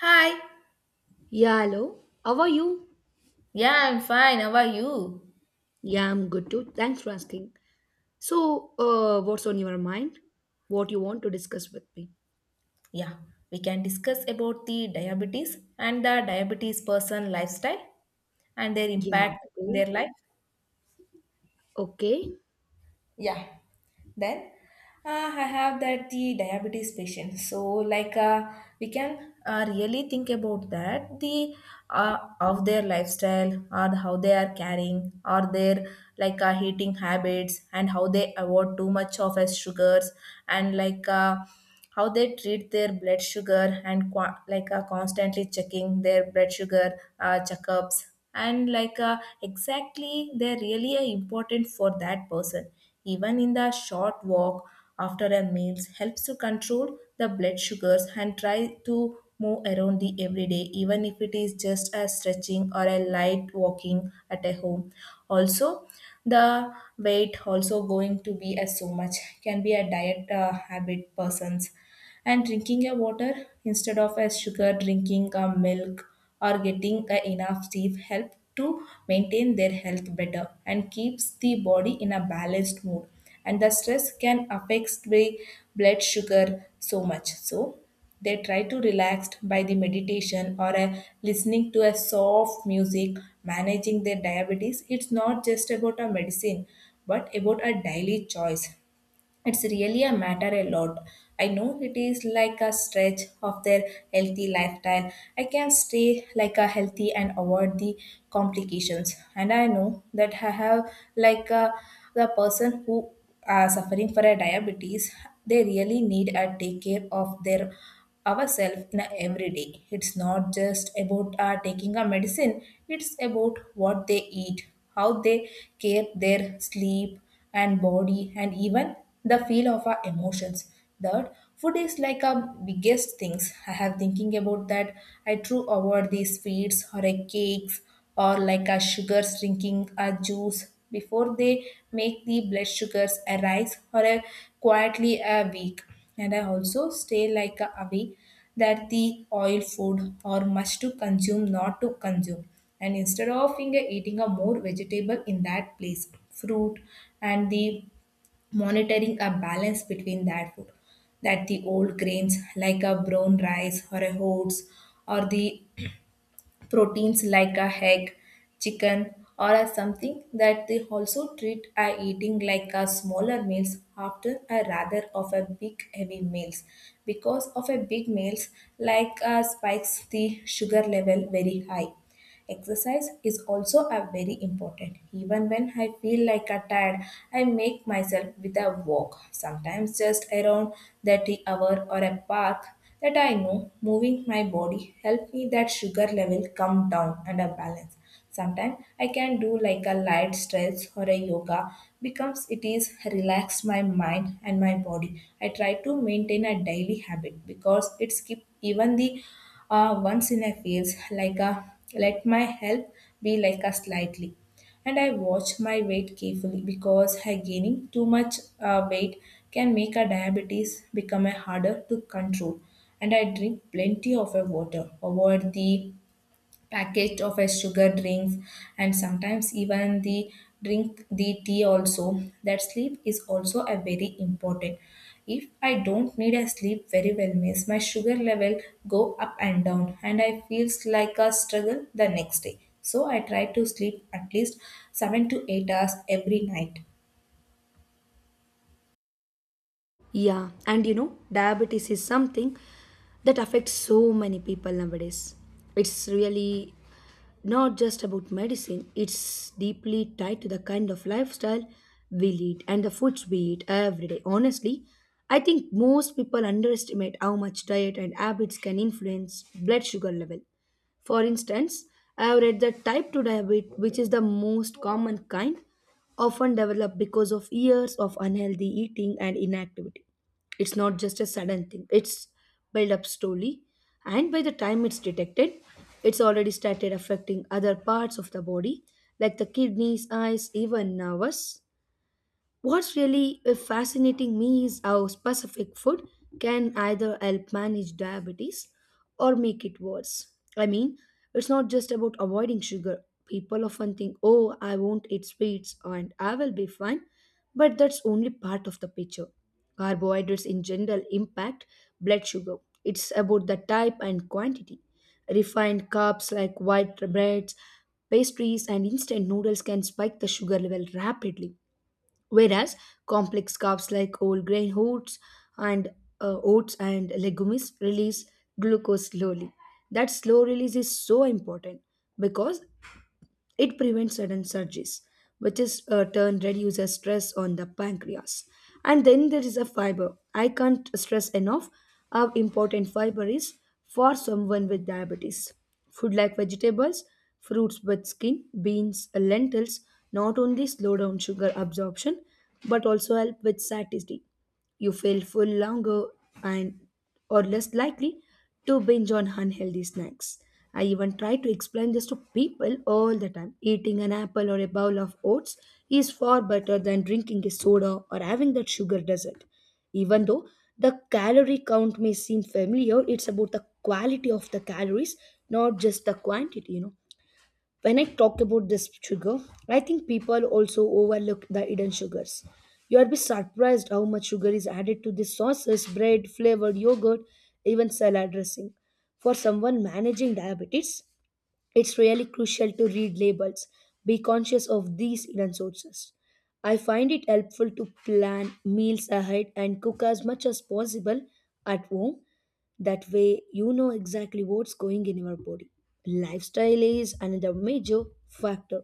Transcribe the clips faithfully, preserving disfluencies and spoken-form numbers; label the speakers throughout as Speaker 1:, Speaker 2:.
Speaker 1: Hi.
Speaker 2: Yeah, hello. How are you?
Speaker 1: Yeah, I'm fine. How are you?
Speaker 2: Yeah, I'm good too. Thanks for asking. So, uh, what's on your mind? What you want to discuss with me?
Speaker 1: Yeah, we can discuss about the diabetes and the diabetes person lifestyle and their
Speaker 2: Yeah.
Speaker 1: impact in
Speaker 2: Okay.
Speaker 1: their life.
Speaker 2: Okay.
Speaker 1: Yeah. Then uh, I have that the diabetes patient. So like uh, we can uh, really think about that the uh, of their lifestyle, or how they are carrying, or their like uh, eating habits, and how they avoid too much of as sugars and like. Uh, how they treat their blood sugar and qua like uh, constantly checking their blood sugar, uh, checkups, and like uh, exactly they're really uh, important for that person. Even in the short walk after a meals helps to control the blood sugars and try to move around the everyday, even if it is just a stretching or a light walking at a home also. The weight also going to be as so much, can be a diet uh, habit persons, and drinking a water instead of a sugar, drinking a milk, or getting a enough sleep help to maintain their health better and keeps the body in a balanced mood. And the stress can affect the blood sugar so much, so they try to relax by the meditation or a listening to a soft music, managing their diabetes. It's not just about a medicine, but about a daily choice. It's really a matter a lot. I know it is like a stretch of their healthy lifestyle. I can stay like a healthy and avoid the complications. And I know that I have like a, the person who are suffering for a diabetes, they really need a take care of their ourselves in a everyday. It's not just about uh, taking a medicine, it's about what they eat, how they care their sleep and body, and even the feel of our emotions. That food is like a biggest things I have thinking about that. I true avoid these sweets or a cakes, or like a sugars, drinking a juice before they make the blood sugars arise or a quietly a week. And I also stay like a away that the oil food, or must to consume not to consume, and instead of in- eating a more vegetable in that place, fruit. And the monitoring a balance between that food, that the old grains like a brown rice or a oats, or the proteins like a egg, chicken, or as something, that they also treat a eating like a smaller meals after a rather of a big heavy meals, because of a big meals like uh, spikes the sugar level very high. Exercise is also a very important. Even when I feel like a tired, I make myself with a walk, sometimes just around thirty hour or a path, that I know moving my body help me that sugar level come down and a balance. Sometimes I can do like a light stretch or a yoga because it is relax my mind and my body. I try to maintain a daily habit because it's keep even the uh, once in a feels like a let my help be like a slightly. And I watch my weight carefully because I gaining too much uh, weight can make a diabetes become a harder to control. And I drink plenty of a water, avoid the packet of a sugar drinks, and sometimes even the drink the tea also. That sleep is also a very important. If I don't need a sleep very well means my sugar level go up and down and I feels like a struggle the next day. So I try to sleep at least seven to eight hours every night.
Speaker 2: Yeah, and you know, diabetes is something that affects so many people nowadays. It's really not just about medicine, it's deeply tied to the kind of lifestyle we lead and the foods we eat every day. Honestly, I think most people underestimate how much diet and habits can influence blood sugar level. For instance, I have read that type two diabetes, which is the most common kind, often develop because of years of unhealthy eating and inactivity. It's not just a sudden thing, it's built up slowly, and by the time it's detected, it's already started affecting other parts of the body like the kidneys, eyes, even nerves. What's really uh, fascinating me is how specific food can either help manage diabetes or make it worse. I mean, it's not just about avoiding sugar. People often think, oh, I won't eat sweets and I will be fine. But that's only part of the picture. Carbohydrates in general impact blood sugar. It's about the type and quantity. Refined carbs like white breads, pastries, and instant noodles can spike the sugar level rapidly. Whereas complex carbs like whole grain oats and uh, oats and legumes release glucose slowly. That slow release is so important because it prevents sudden surges, which is uh, turn reduces stress on the pancreas. And then there is a fiber. I can't stress enough how important fiber is for someone with diabetes. Food like vegetables, fruits with skin, beans, lentils not only slow down sugar absorption but also help with satiety. You feel full longer and or less likely to binge on unhealthy snacks. I even try to explain this to people all the time. Eating an apple or a bowl of oats is far better than drinking a soda or having that sugar dessert. Even though the calorie count may seem familiar, it's about the quality of the calories, not just the quantity, you know, when I talk about this sugar, I think people also overlook the hidden sugars. You'll be surprised how much sugar is added to the sauces, bread, flavored yogurt, even salad dressing. For someone managing diabetes, it's really crucial to read labels, be conscious of these hidden sources. I find it helpful to plan meals ahead and cook as much as possible at home. That way, you know exactly what's going in your body. Lifestyle is another major factor.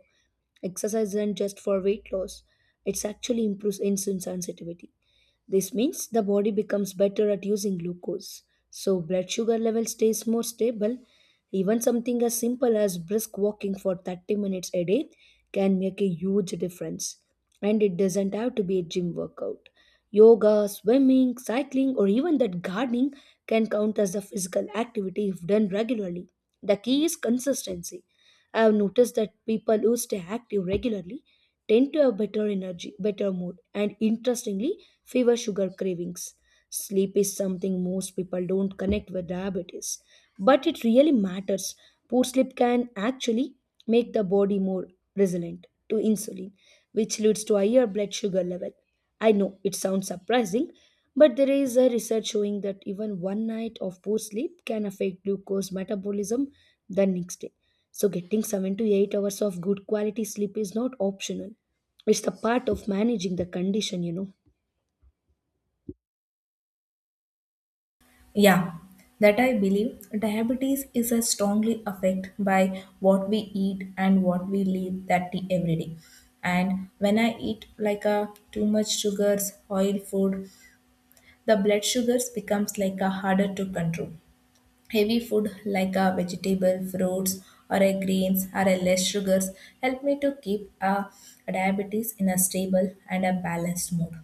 Speaker 2: Exercise isn't just for weight loss, it actually improves insulin sensitivity. This means the body becomes better at using glucose, so blood sugar level stays more stable. Even something as simple as brisk walking for thirty minutes a day can make a huge difference. And it doesn't have to be a gym workout. Yoga, swimming, cycling, or even that gardening can count as a physical activity if done regularly. The key is consistency. I have noticed that people who stay active regularly tend to have better energy, better mood, and interestingly, fever sugar cravings. Sleep is something most people don't connect with diabetes, but it really matters. Poor sleep can actually make the body more resilient to insulin, which leads to higher blood sugar level. I know it sounds surprising, but there is a research showing that even one night of poor sleep can affect glucose metabolism the next day. So getting seven to eight hours of good quality sleep is not optional. It's the part of managing the condition, you know.
Speaker 1: Yeah, that I believe diabetes is a strongly affected by what we eat and what we live that day every day. And when I eat like a too much sugars, oil food, the blood sugars becomes like a harder to control. Heavy food like a vegetable, fruits, or a grains, or a less sugars help me to keep a diabetes in a stable and a balanced mood.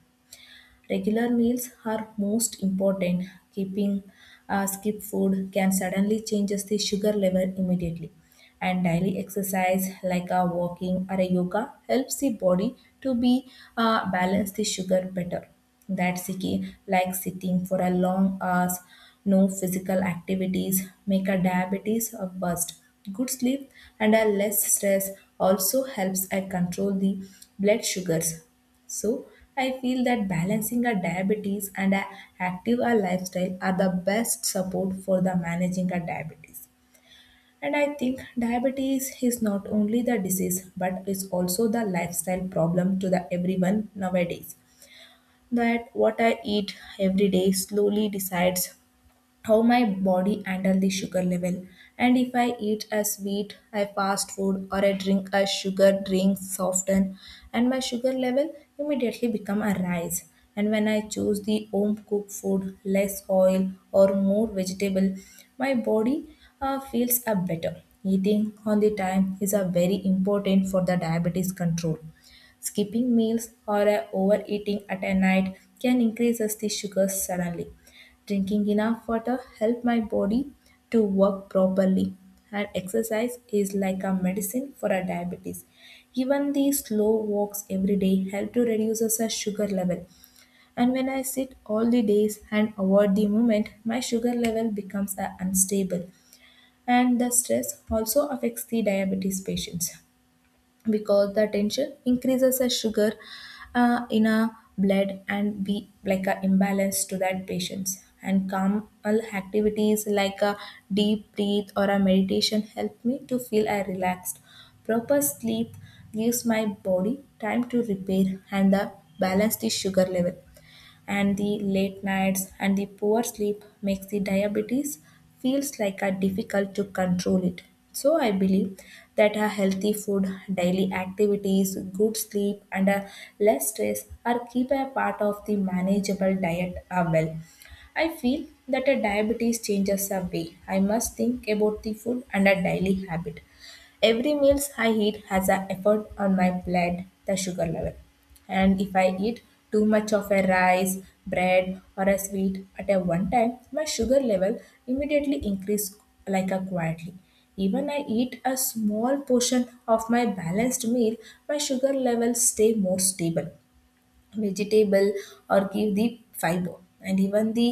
Speaker 1: Regular meals are most important. Keeping uh, skip food can suddenly changes the sugar level immediately. And daily exercise like a walking or a yoga helps the body to be uh, balance the sugar better. That's the key, like sitting for a long hours, no physical activities make a diabetes a worst. Good sleep and a less stress also helps I control the blood sugars. So I feel that balancing a diabetes and a active a lifestyle are the best support for the managing a diabetes. And I think diabetes is not only the disease but is also the lifestyle problem to the everyone nowadays. That what I eat every day slowly decides how my body handle the sugar level. And if I eat a sweet, a fast food, or I drink a sugar drink soften, and my sugar level immediately become a rise. And when I choose the home cooked food, less oil or more vegetable, my body uh, feels a better. Eating on the time is a very important for the diabetes control. Skipping meals or a overeating at a night can increase us the sugars suddenly. Drinking enough water help my body to work properly. And exercise is like a medicine for a diabetes. Even the slow walks every day help to reduce us our sugar level. And when I sit all the days and avoid the movement, my sugar level becomes uh, unstable. And the stress also affects the diabetes patients because the tension increases as sugar uh, in a blood and be like an imbalance to that patients. And calm activities like a deep breath or a meditation help me to feel a relaxed. Proper sleep gives my body time to repair and the balance the sugar level. And the late nights and the poor sleep makes the diabetes feels like a difficult to control it. So I believe that a healthy food, daily activities, good sleep, and a less stress are keep a part of the manageable diet uh, well. I feel that a diabetes changes a way I must think about the food and a daily habit. Every meals I eat has an effect on my blood, the sugar level. And if I eat too much of a rice, bread, or a sweet at a one time, my sugar level immediately increase like a quietly. Even I eat a small portion of my balanced meal, my sugar levels stay more stable. Vegetable or give the fiber, and even the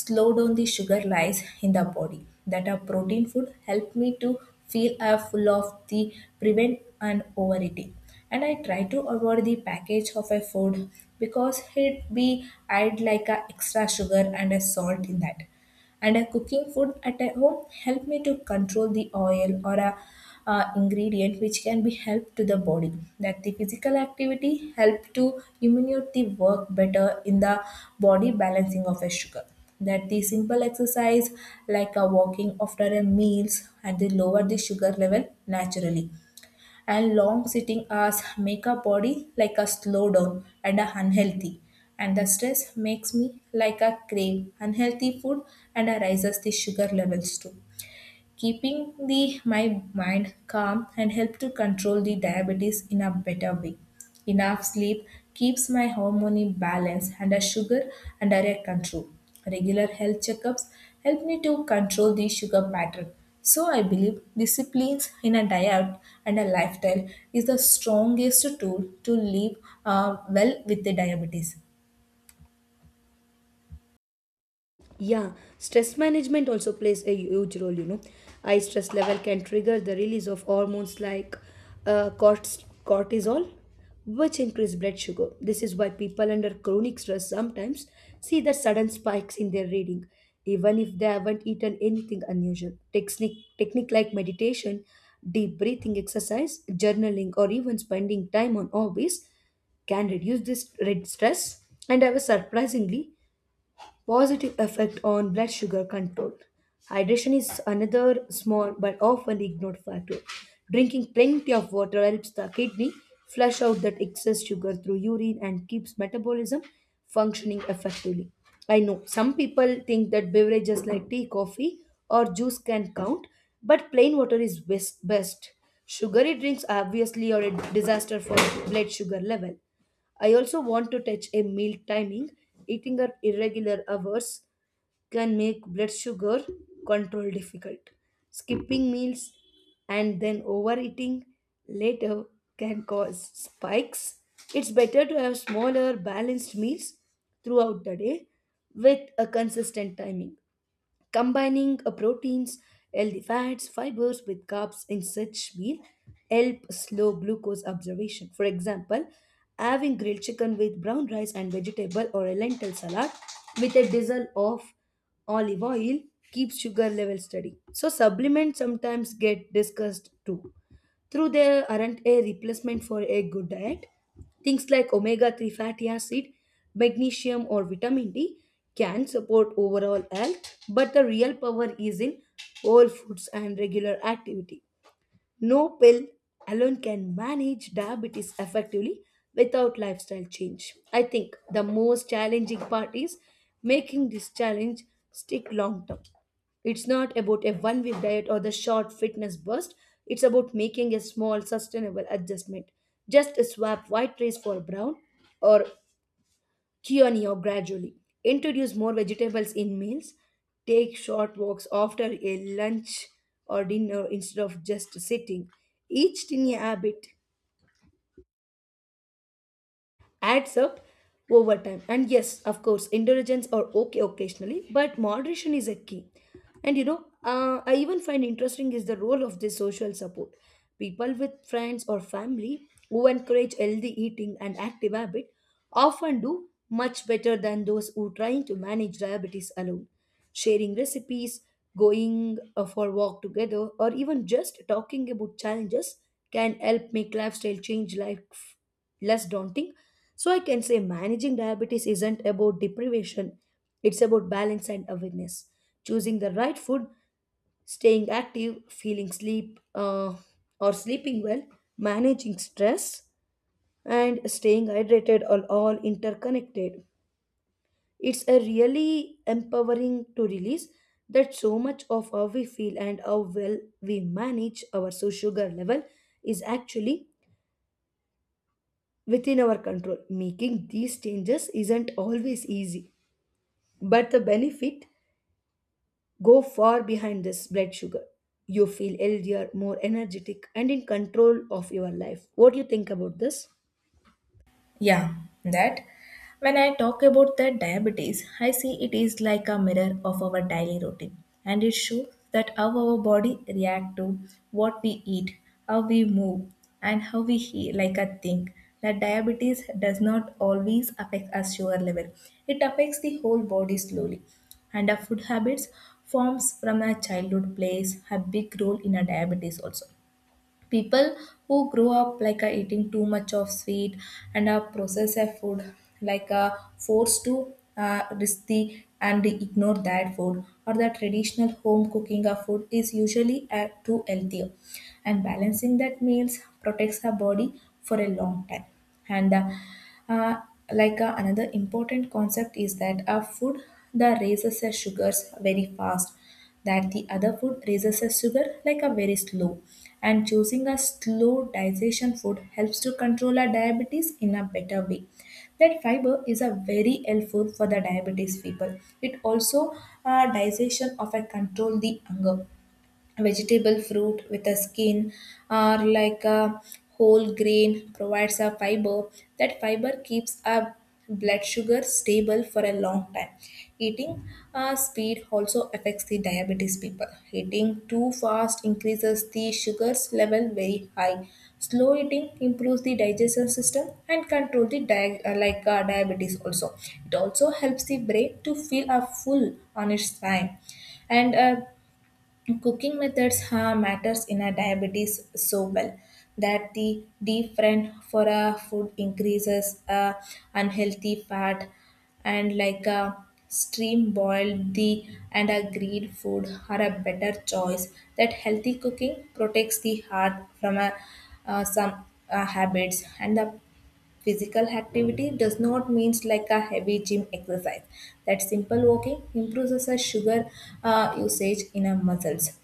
Speaker 1: slow down the sugar lies in the body. That a protein food help me to feel uh, full of the prevent and overeating. And I try to avoid the package of a food because it be add like a extra sugar and a salt in that. And a cooking food at a home help me to control the oil or a uh, ingredient which can be help to the body. That the physical activity help to immunite the work better in the body balancing of a sugar. That the simple exercise like a walking after a meals and they lower the sugar level naturally. And long sitting hours make our body like a slow down and are unhealthy. And the stress makes me like a crave unhealthy food and I rises the sugar levels too. Keeping the my mind calm and help to control the diabetes in a better way. Enough sleep keeps my hormone in balance and a sugar under a control. Regular health checkups help me to control the sugar pattern. So I believe disciplines in a diet and a lifestyle is the strongest tool to live uh, well with the diabetes.
Speaker 2: Yeah, stress management also plays a huge role, you know. High stress level can trigger the release of hormones like uh, cortis- cortisol, which increase blood sugar. This is why people under chronic stress sometimes see the sudden spikes in their reading, even if they haven't eaten anything unusual. Technique, technique like meditation, deep breathing exercise, journaling, or even spending time on hobbies can reduce this red stress and have a surprisingly positive effect on blood sugar control. Hydration is another small but often ignored factor. Drinking plenty of water helps the kidney flush out that excess sugar through urine and keeps metabolism functioning effectively. I know some people think that beverages like tea, coffee, or juice can count, but plain water is best. best. Sugary drinks are obviously are a disaster for blood sugar level. I also want to touch a meal timing. Eating at irregular hours can make blood sugar control difficult. Skipping meals and then overeating later can cause spikes. It's better to have smaller, balanced meals throughout the day with a consistent timing. Combining uh, proteins, healthy fats, fibers with carbs in such meal help slow glucose absorption. For example, having grilled chicken with brown rice and vegetable or a lentil salad with a drizzle of olive oil keeps sugar level steady. So supplements sometimes get discussed too. Though they aren't a replacement for a good diet, things like omega three fatty acid, magnesium, or vitamin D can support overall health, but the real power is in whole foods and regular activity. No pill alone can manage diabetes effectively without lifestyle change. I think the most challenging part is making this challenge stick long term. It's not about a one week diet or the short fitness burst, it's about making a small sustainable adjustment. Just swap white rice for brown or Kioni or gradually. Introduce more vegetables in meals. Take short walks after a lunch or dinner instead of just sitting. Each tiny habit adds up over time. And yes, of course, indulgence are okay occasionally, but moderation is a key. And you know, uh, I even find interesting is the role of this social support. People with friends or family who encourage healthy eating and active habit often do much better than those who trying to manage diabetes alone. Sharing recipes, going uh, for walk together, or even just talking about challenges can help make lifestyle change life less daunting. So I can say managing diabetes isn't about deprivation, it's about balance and awareness. Choosing the right food, staying active, feeling sleep uh, or sleeping well, managing stress, and staying hydrated are all interconnected. It's a really empowering to release that so much of how we feel and how well we manage our so sugar level is actually within our control. Making these changes isn't always easy, but the benefit go far behind this blood sugar. You feel healthier, more energetic, and in control of your life. What do you think about this?
Speaker 1: Yeah, that. When I talk about that diabetes, I see it is like a mirror of our daily routine and it shows that how our body react to what we eat, how we move, and how we heal like a think. That diabetes does not always affect our sugar level. It affects the whole body slowly. And our food habits forms from our childhood plays a big role in our diabetes also. People who grow up like uh, eating too much of sweet and uh, processed food like uh, forced to uh, risk the and ignore that food or the traditional home cooking of food is usually uh, too healthier, and balancing that meals protects our body for a long time. And uh, uh, like uh, Another important concept is that our food that raises our sugars very fast, that the other food raises a sugar like a very slow, and choosing a slow digestion food helps to control our diabetes in a better way. That fiber is a very helpful for the diabetes people. It also, uh, digestion of a control the hunger. Vegetable fruit with a skin or like a whole grain provides a fiber. That fiber keeps our blood sugar stable for a long time. Eating uh, speed also affects the diabetes people. Eating too fast increases the sugars level very high. Slow eating improves the digestion system and control the di- uh, like uh, diabetes also. It also helps the brain to feel a full on its time. And uh, Cooking methods ha, matters in a diabetes so well. That the deep friend for a food increases uh, unhealthy fat, and like a stream boiled the and a grilled food are a better choice. That healthy cooking protects the heart from a, uh, some uh, habits. And the physical activity does not means like a heavy gym exercise. That simple walking improves the sugar uh, usage in our muscles.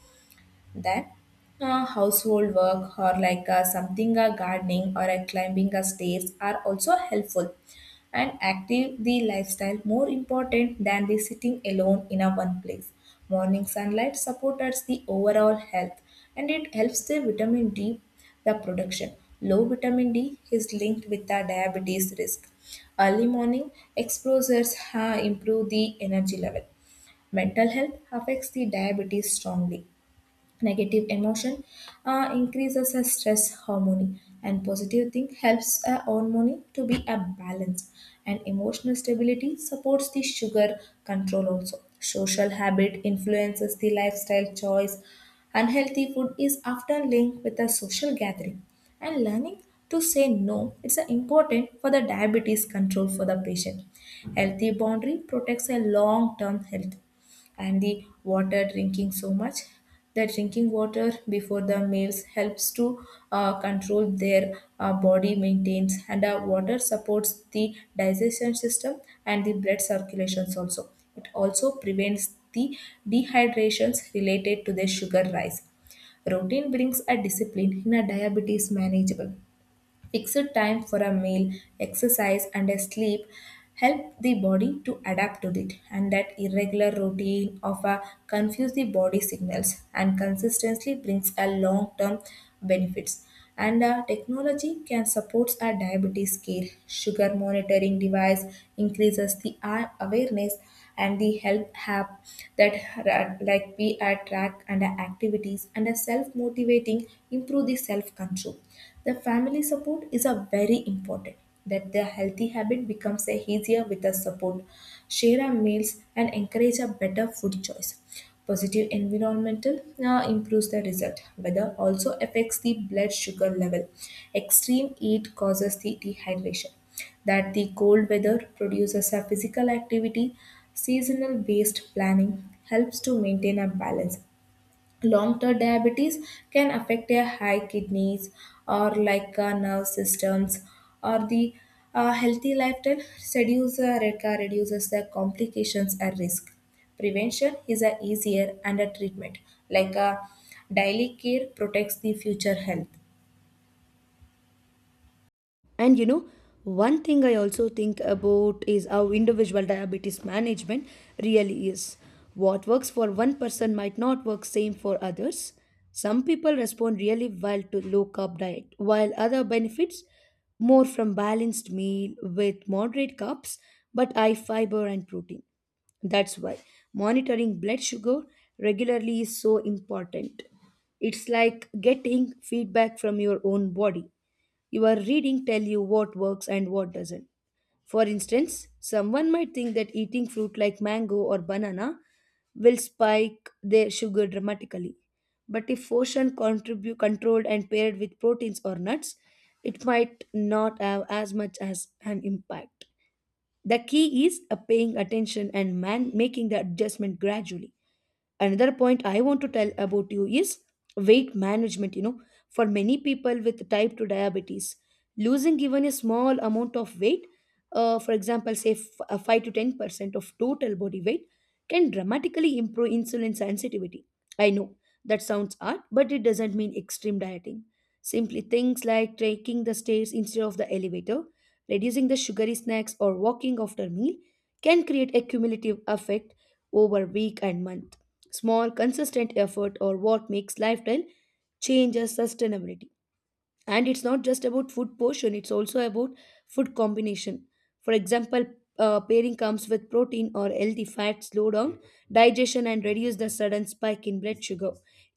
Speaker 1: That uh, household work or like uh, something, uh, gardening or uh, climbing uh, stairs are also helpful. And active the lifestyle more important than the sitting alone in a one place. Morning sunlight supports the overall health, and it helps the vitamin D the production. Low vitamin D is linked with the diabetes risk. Early morning exposures uh, improve the energy level. Mental health affects the diabetes strongly. Negative emotion uh, increases a stress hormone, and positive thing helps a hormone to be a balance, and emotional stability supports the sugar control. Also social habit influences the lifestyle choice. Unhealthy food is often linked with a social gathering, and learning to say no it's a important for the diabetes control for the patient. Healthy boundary protects a long term health. And the water drinking so much, the drinking water before the meals helps to uh, control their uh, body maintains. And uh, water supports the digestion system and the blood circulations also. It also prevents the dehydrations related to the sugar rise. Routine brings a discipline in a diabetes manageable. Fixed time for a meal, exercise, and a sleep help the body to adapt to it, and that irregular routine of a confuse the body signals and consistently brings a long-term benefits. And uh, Technology can support our diabetes care. Sugar monitoring device increases the uh, awareness, and the help app that ra- like we attract and our activities and a self-motivating improve the self-control. The family support is a very important, that the healthy habit becomes a easier with the support. Share our meals and encourage a better food choice. Positive environmental uh, improves the result. Weather also affects the blood sugar level. Extreme heat causes the dehydration, that the cold weather produces a physical activity. Seasonal based planning helps to maintain a balance. Long term diabetes can affect their high kidneys or like uh, nerve systems or the uh, healthy lifestyle reduces, uh, reduces the complications at risk. Prevention is a easier and a treatment, like a daily care protects the future health.
Speaker 2: And you know, one thing I also think about is how individual diabetes management really is. What works for one person might not work same for others. Some people respond really well to low carb diet, while other benefits more from balanced meal with moderate carbs but high fiber and protein. That's why monitoring blood sugar regularly is so important. It's like getting feedback from your own body. Your reading tell you what works and what doesn't. For instance, someone might think that eating fruit like mango or banana will spike their sugar dramatically. But if portion contribute controlled and paired with proteins or nuts, it might not have as much as an impact. The key is uh, paying attention and man making the adjustment gradually. Another point I want to tell about you is weight management, you know, for many people with type two diabetes losing even a small amount of weight, uh, for example say f- uh, five to ten percent of total body weight can dramatically improve insulin sensitivity. I know that sounds hard, but it doesn't mean extreme dieting. Simply things like taking the stairs instead of the elevator, reducing the sugary snacks or walking after meal can create a cumulative effect over week and month. Small, consistent effort or what makes lifestyle changes sustainability. And it's not just about food portion, it's also about food combination. For example, uh, pairing comes with protein or healthy fats, slow down digestion and reduce the sudden spike in blood sugar.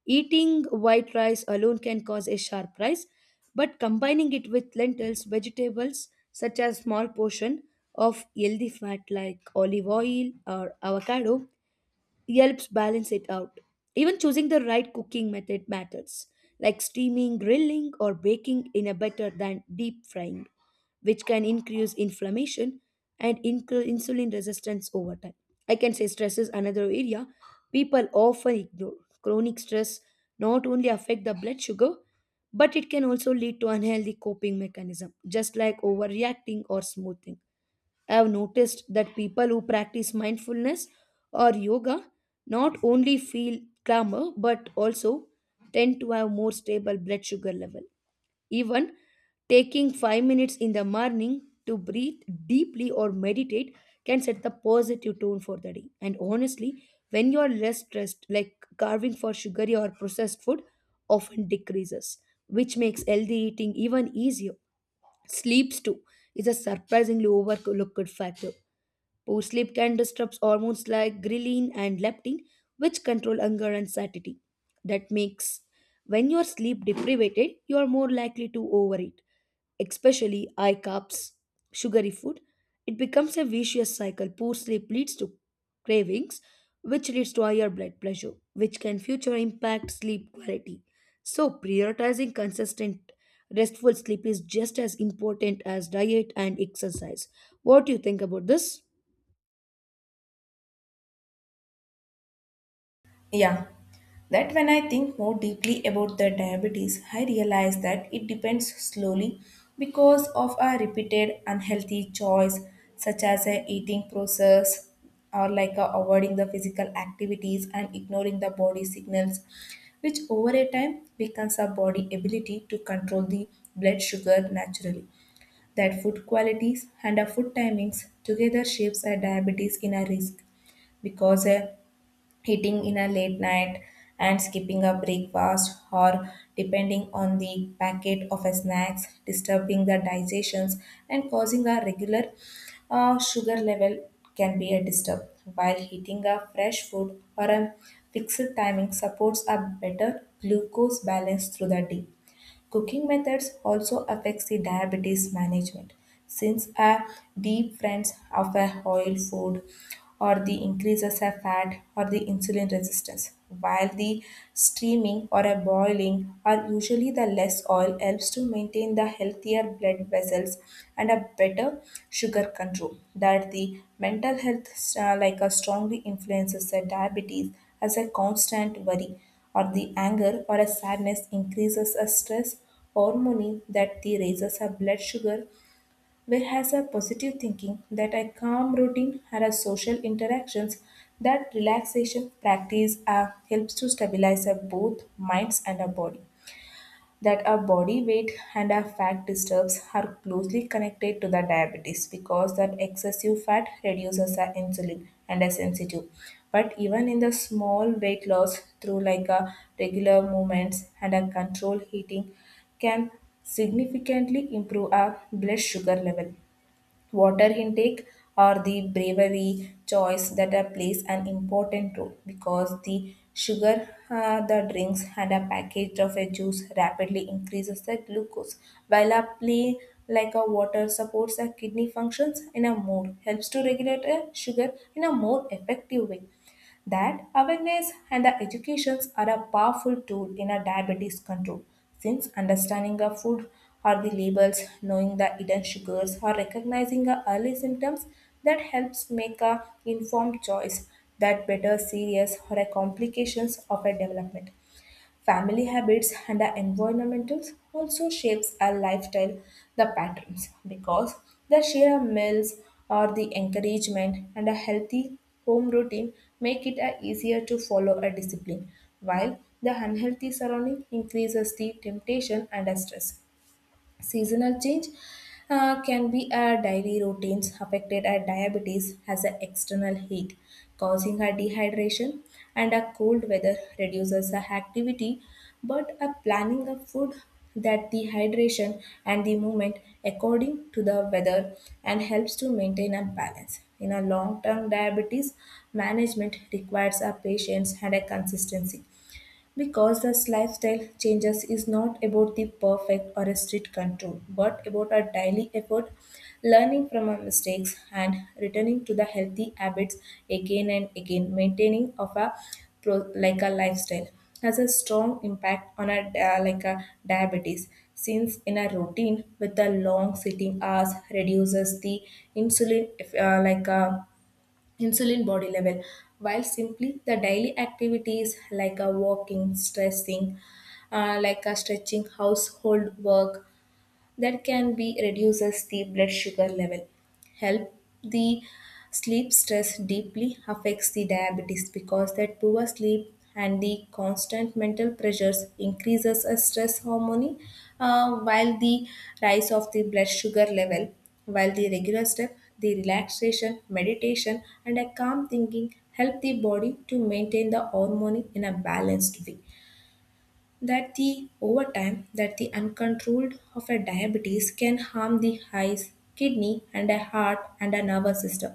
Speaker 2: Eating white rice alone can cause a sharp rise, but combining it with lentils, vegetables such as small portion of healthy fat like olive oil or avocado helps balance it out. Even choosing the right cooking method matters, like steaming, grilling, or baking in a better than deep frying, which can increase inflammation and increase insulin resistance over time. I can say stress is another area people often ignore. Chronic stress not only affect the blood sugar, but it can also lead to unhealthy coping mechanism, just like overreacting or smoothing. I have noticed that people who practice mindfulness or yoga not only feel calmer but also tend to have more stable blood sugar level. Even taking five minutes in the morning to breathe deeply or meditate can set the positive tone for the day. And honestly, when you are less stressed, like carving for sugary or processed food often decreases, which makes healthy eating even easier. Sleeps too is a surprisingly overlooked factor. Poor sleep can disrupt hormones like ghrelin and leptin, which control hunger and satiety. That makes when you're sleep deprived, you are more likely to overeat, especially high carbs, sugary food. It becomes a vicious cycle. Poor sleep leads to cravings, which leads to higher blood pressure, which can future impact sleep quality. So, prioritizing consistent restful sleep is just as important as diet and exercise. What do you think about this?
Speaker 1: Yeah, that. When I think more deeply about the diabetes, I realize that it depends slowly because of a repeated unhealthy choice, such as a eating process or like a avoiding the physical activities and ignoring the body signals, which over a time weakens our body ability to control the blood sugar naturally. That food qualities and our food timings together shapes our diabetes in a risk, because a eating in a late night and skipping a breakfast or depending on the packet of a snacks disturbing the digestions and causing a regular uh, sugar level can be a disturb, while eating a fresh food or a fixed timing supports a better glucose balance through the day. Cooking methods also affects the diabetes management, since a deep friends of a oil food or the increases of fat or the insulin resistance, while the steaming or a boiling are usually the less oil helps to maintain the healthier blood vessels and a better sugar control. That the mental health uh, like a strongly influences the diabetes, as a constant worry or the anger or a sadness increases a stress hormone, that the raises her blood sugar, whereas a positive thinking that a calm routine or a social interactions, that relaxation practice uh, helps to stabilize her both minds and her body. That our body weight and our fat disturbs are closely connected to the diabetes, because that excessive fat reduces our insulin and our sensitive. But even in the small weight loss through like a regular movements and a controlled eating can significantly improve our blood sugar level. Water intake are the bravery choice that uh, plays an important role, because the sugar uh, the drinks and a package of a juice rapidly increases the glucose, while a play like a water supports the kidney functions in a more helps to regulate a sugar in a more effective way. That awareness and the educations are a powerful tool in a diabetes control, since understanding the food or the labels, knowing the hidden sugars or recognizing the early symptoms, that helps make a informed choice, that better serious or a complications of a development. Family habits and our environmentals also shapes our lifestyle, the patterns, because the share meals or the encouragement and a healthy home routine make it a easier to follow a discipline, while the unhealthy surrounding increases the temptation and a stress. Seasonal change uh, can be our daily routines affected by diabetes has an external heat, causing our dehydration, and a cold weather reduces our activity. But a planning of food, that dehydration and the movement according to the weather and helps to maintain a balance. In a long-term diabetes management requires a patience and a consistency, because this lifestyle changes is not about the perfect or a strict control, but about our daily effort, learning from our mistakes and returning to the healthy habits again and again. Maintaining of a pro- like a lifestyle has a strong impact on our dia- like a diabetes, since in a routine with the long sitting hours reduces the insulin if, uh, like a insulin body level, while simply the daily activities like a walking, stressing, uh, like a stretching, household work, that can be reduces the blood sugar level help the sleep stress deeply affects the diabetes, because that poor sleep and the constant mental pressures increases a stress hormone, uh, while the rise of the blood sugar level, while the regular step the relaxation meditation and a calm thinking help the body to maintain the hormone in a balanced way. That the over time that the uncontrolled of a diabetes can harm the eyes kidney and a heart and a nervous system,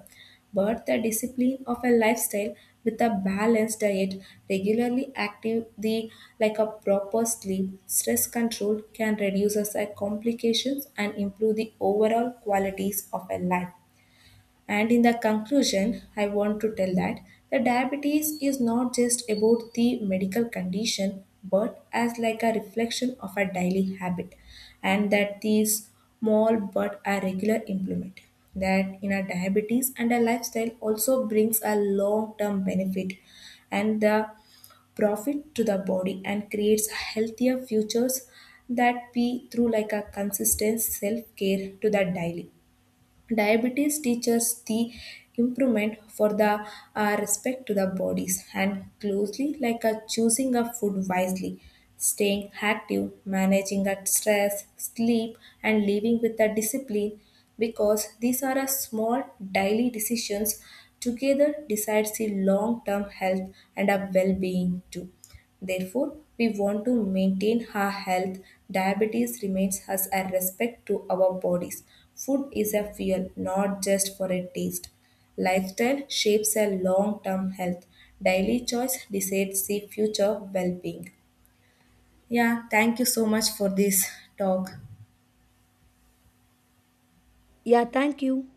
Speaker 1: but the discipline of a lifestyle with a balanced diet regularly active the like a proper sleep stress control can reduce us a complications and improve the overall qualities of a life. And in the conclusion, I want to tell that the diabetes is not just about the medical condition, but as like a reflection of a daily habit, and that these small but a regular implement that in a diabetes and a lifestyle also brings a long-term benefit and the profit to the body and creates healthier futures, that be through like a consistent self-care to the daily. Diabetes teaches the improvement for the uh, respect to the bodies and closely like a choosing a food wisely, staying active, managing a stress, sleep, and living with a discipline, because these are a small daily decisions together decides the long-term health and a well-being too. Therefore, we want to maintain our health. Diabetes remains as a respect to our bodies. Food is a fuel, not just for a taste. Lifestyle shapes a long term health. Daily choice decides the future well being. Yeah, thank you so much for this talk.
Speaker 2: Yeah, thank you.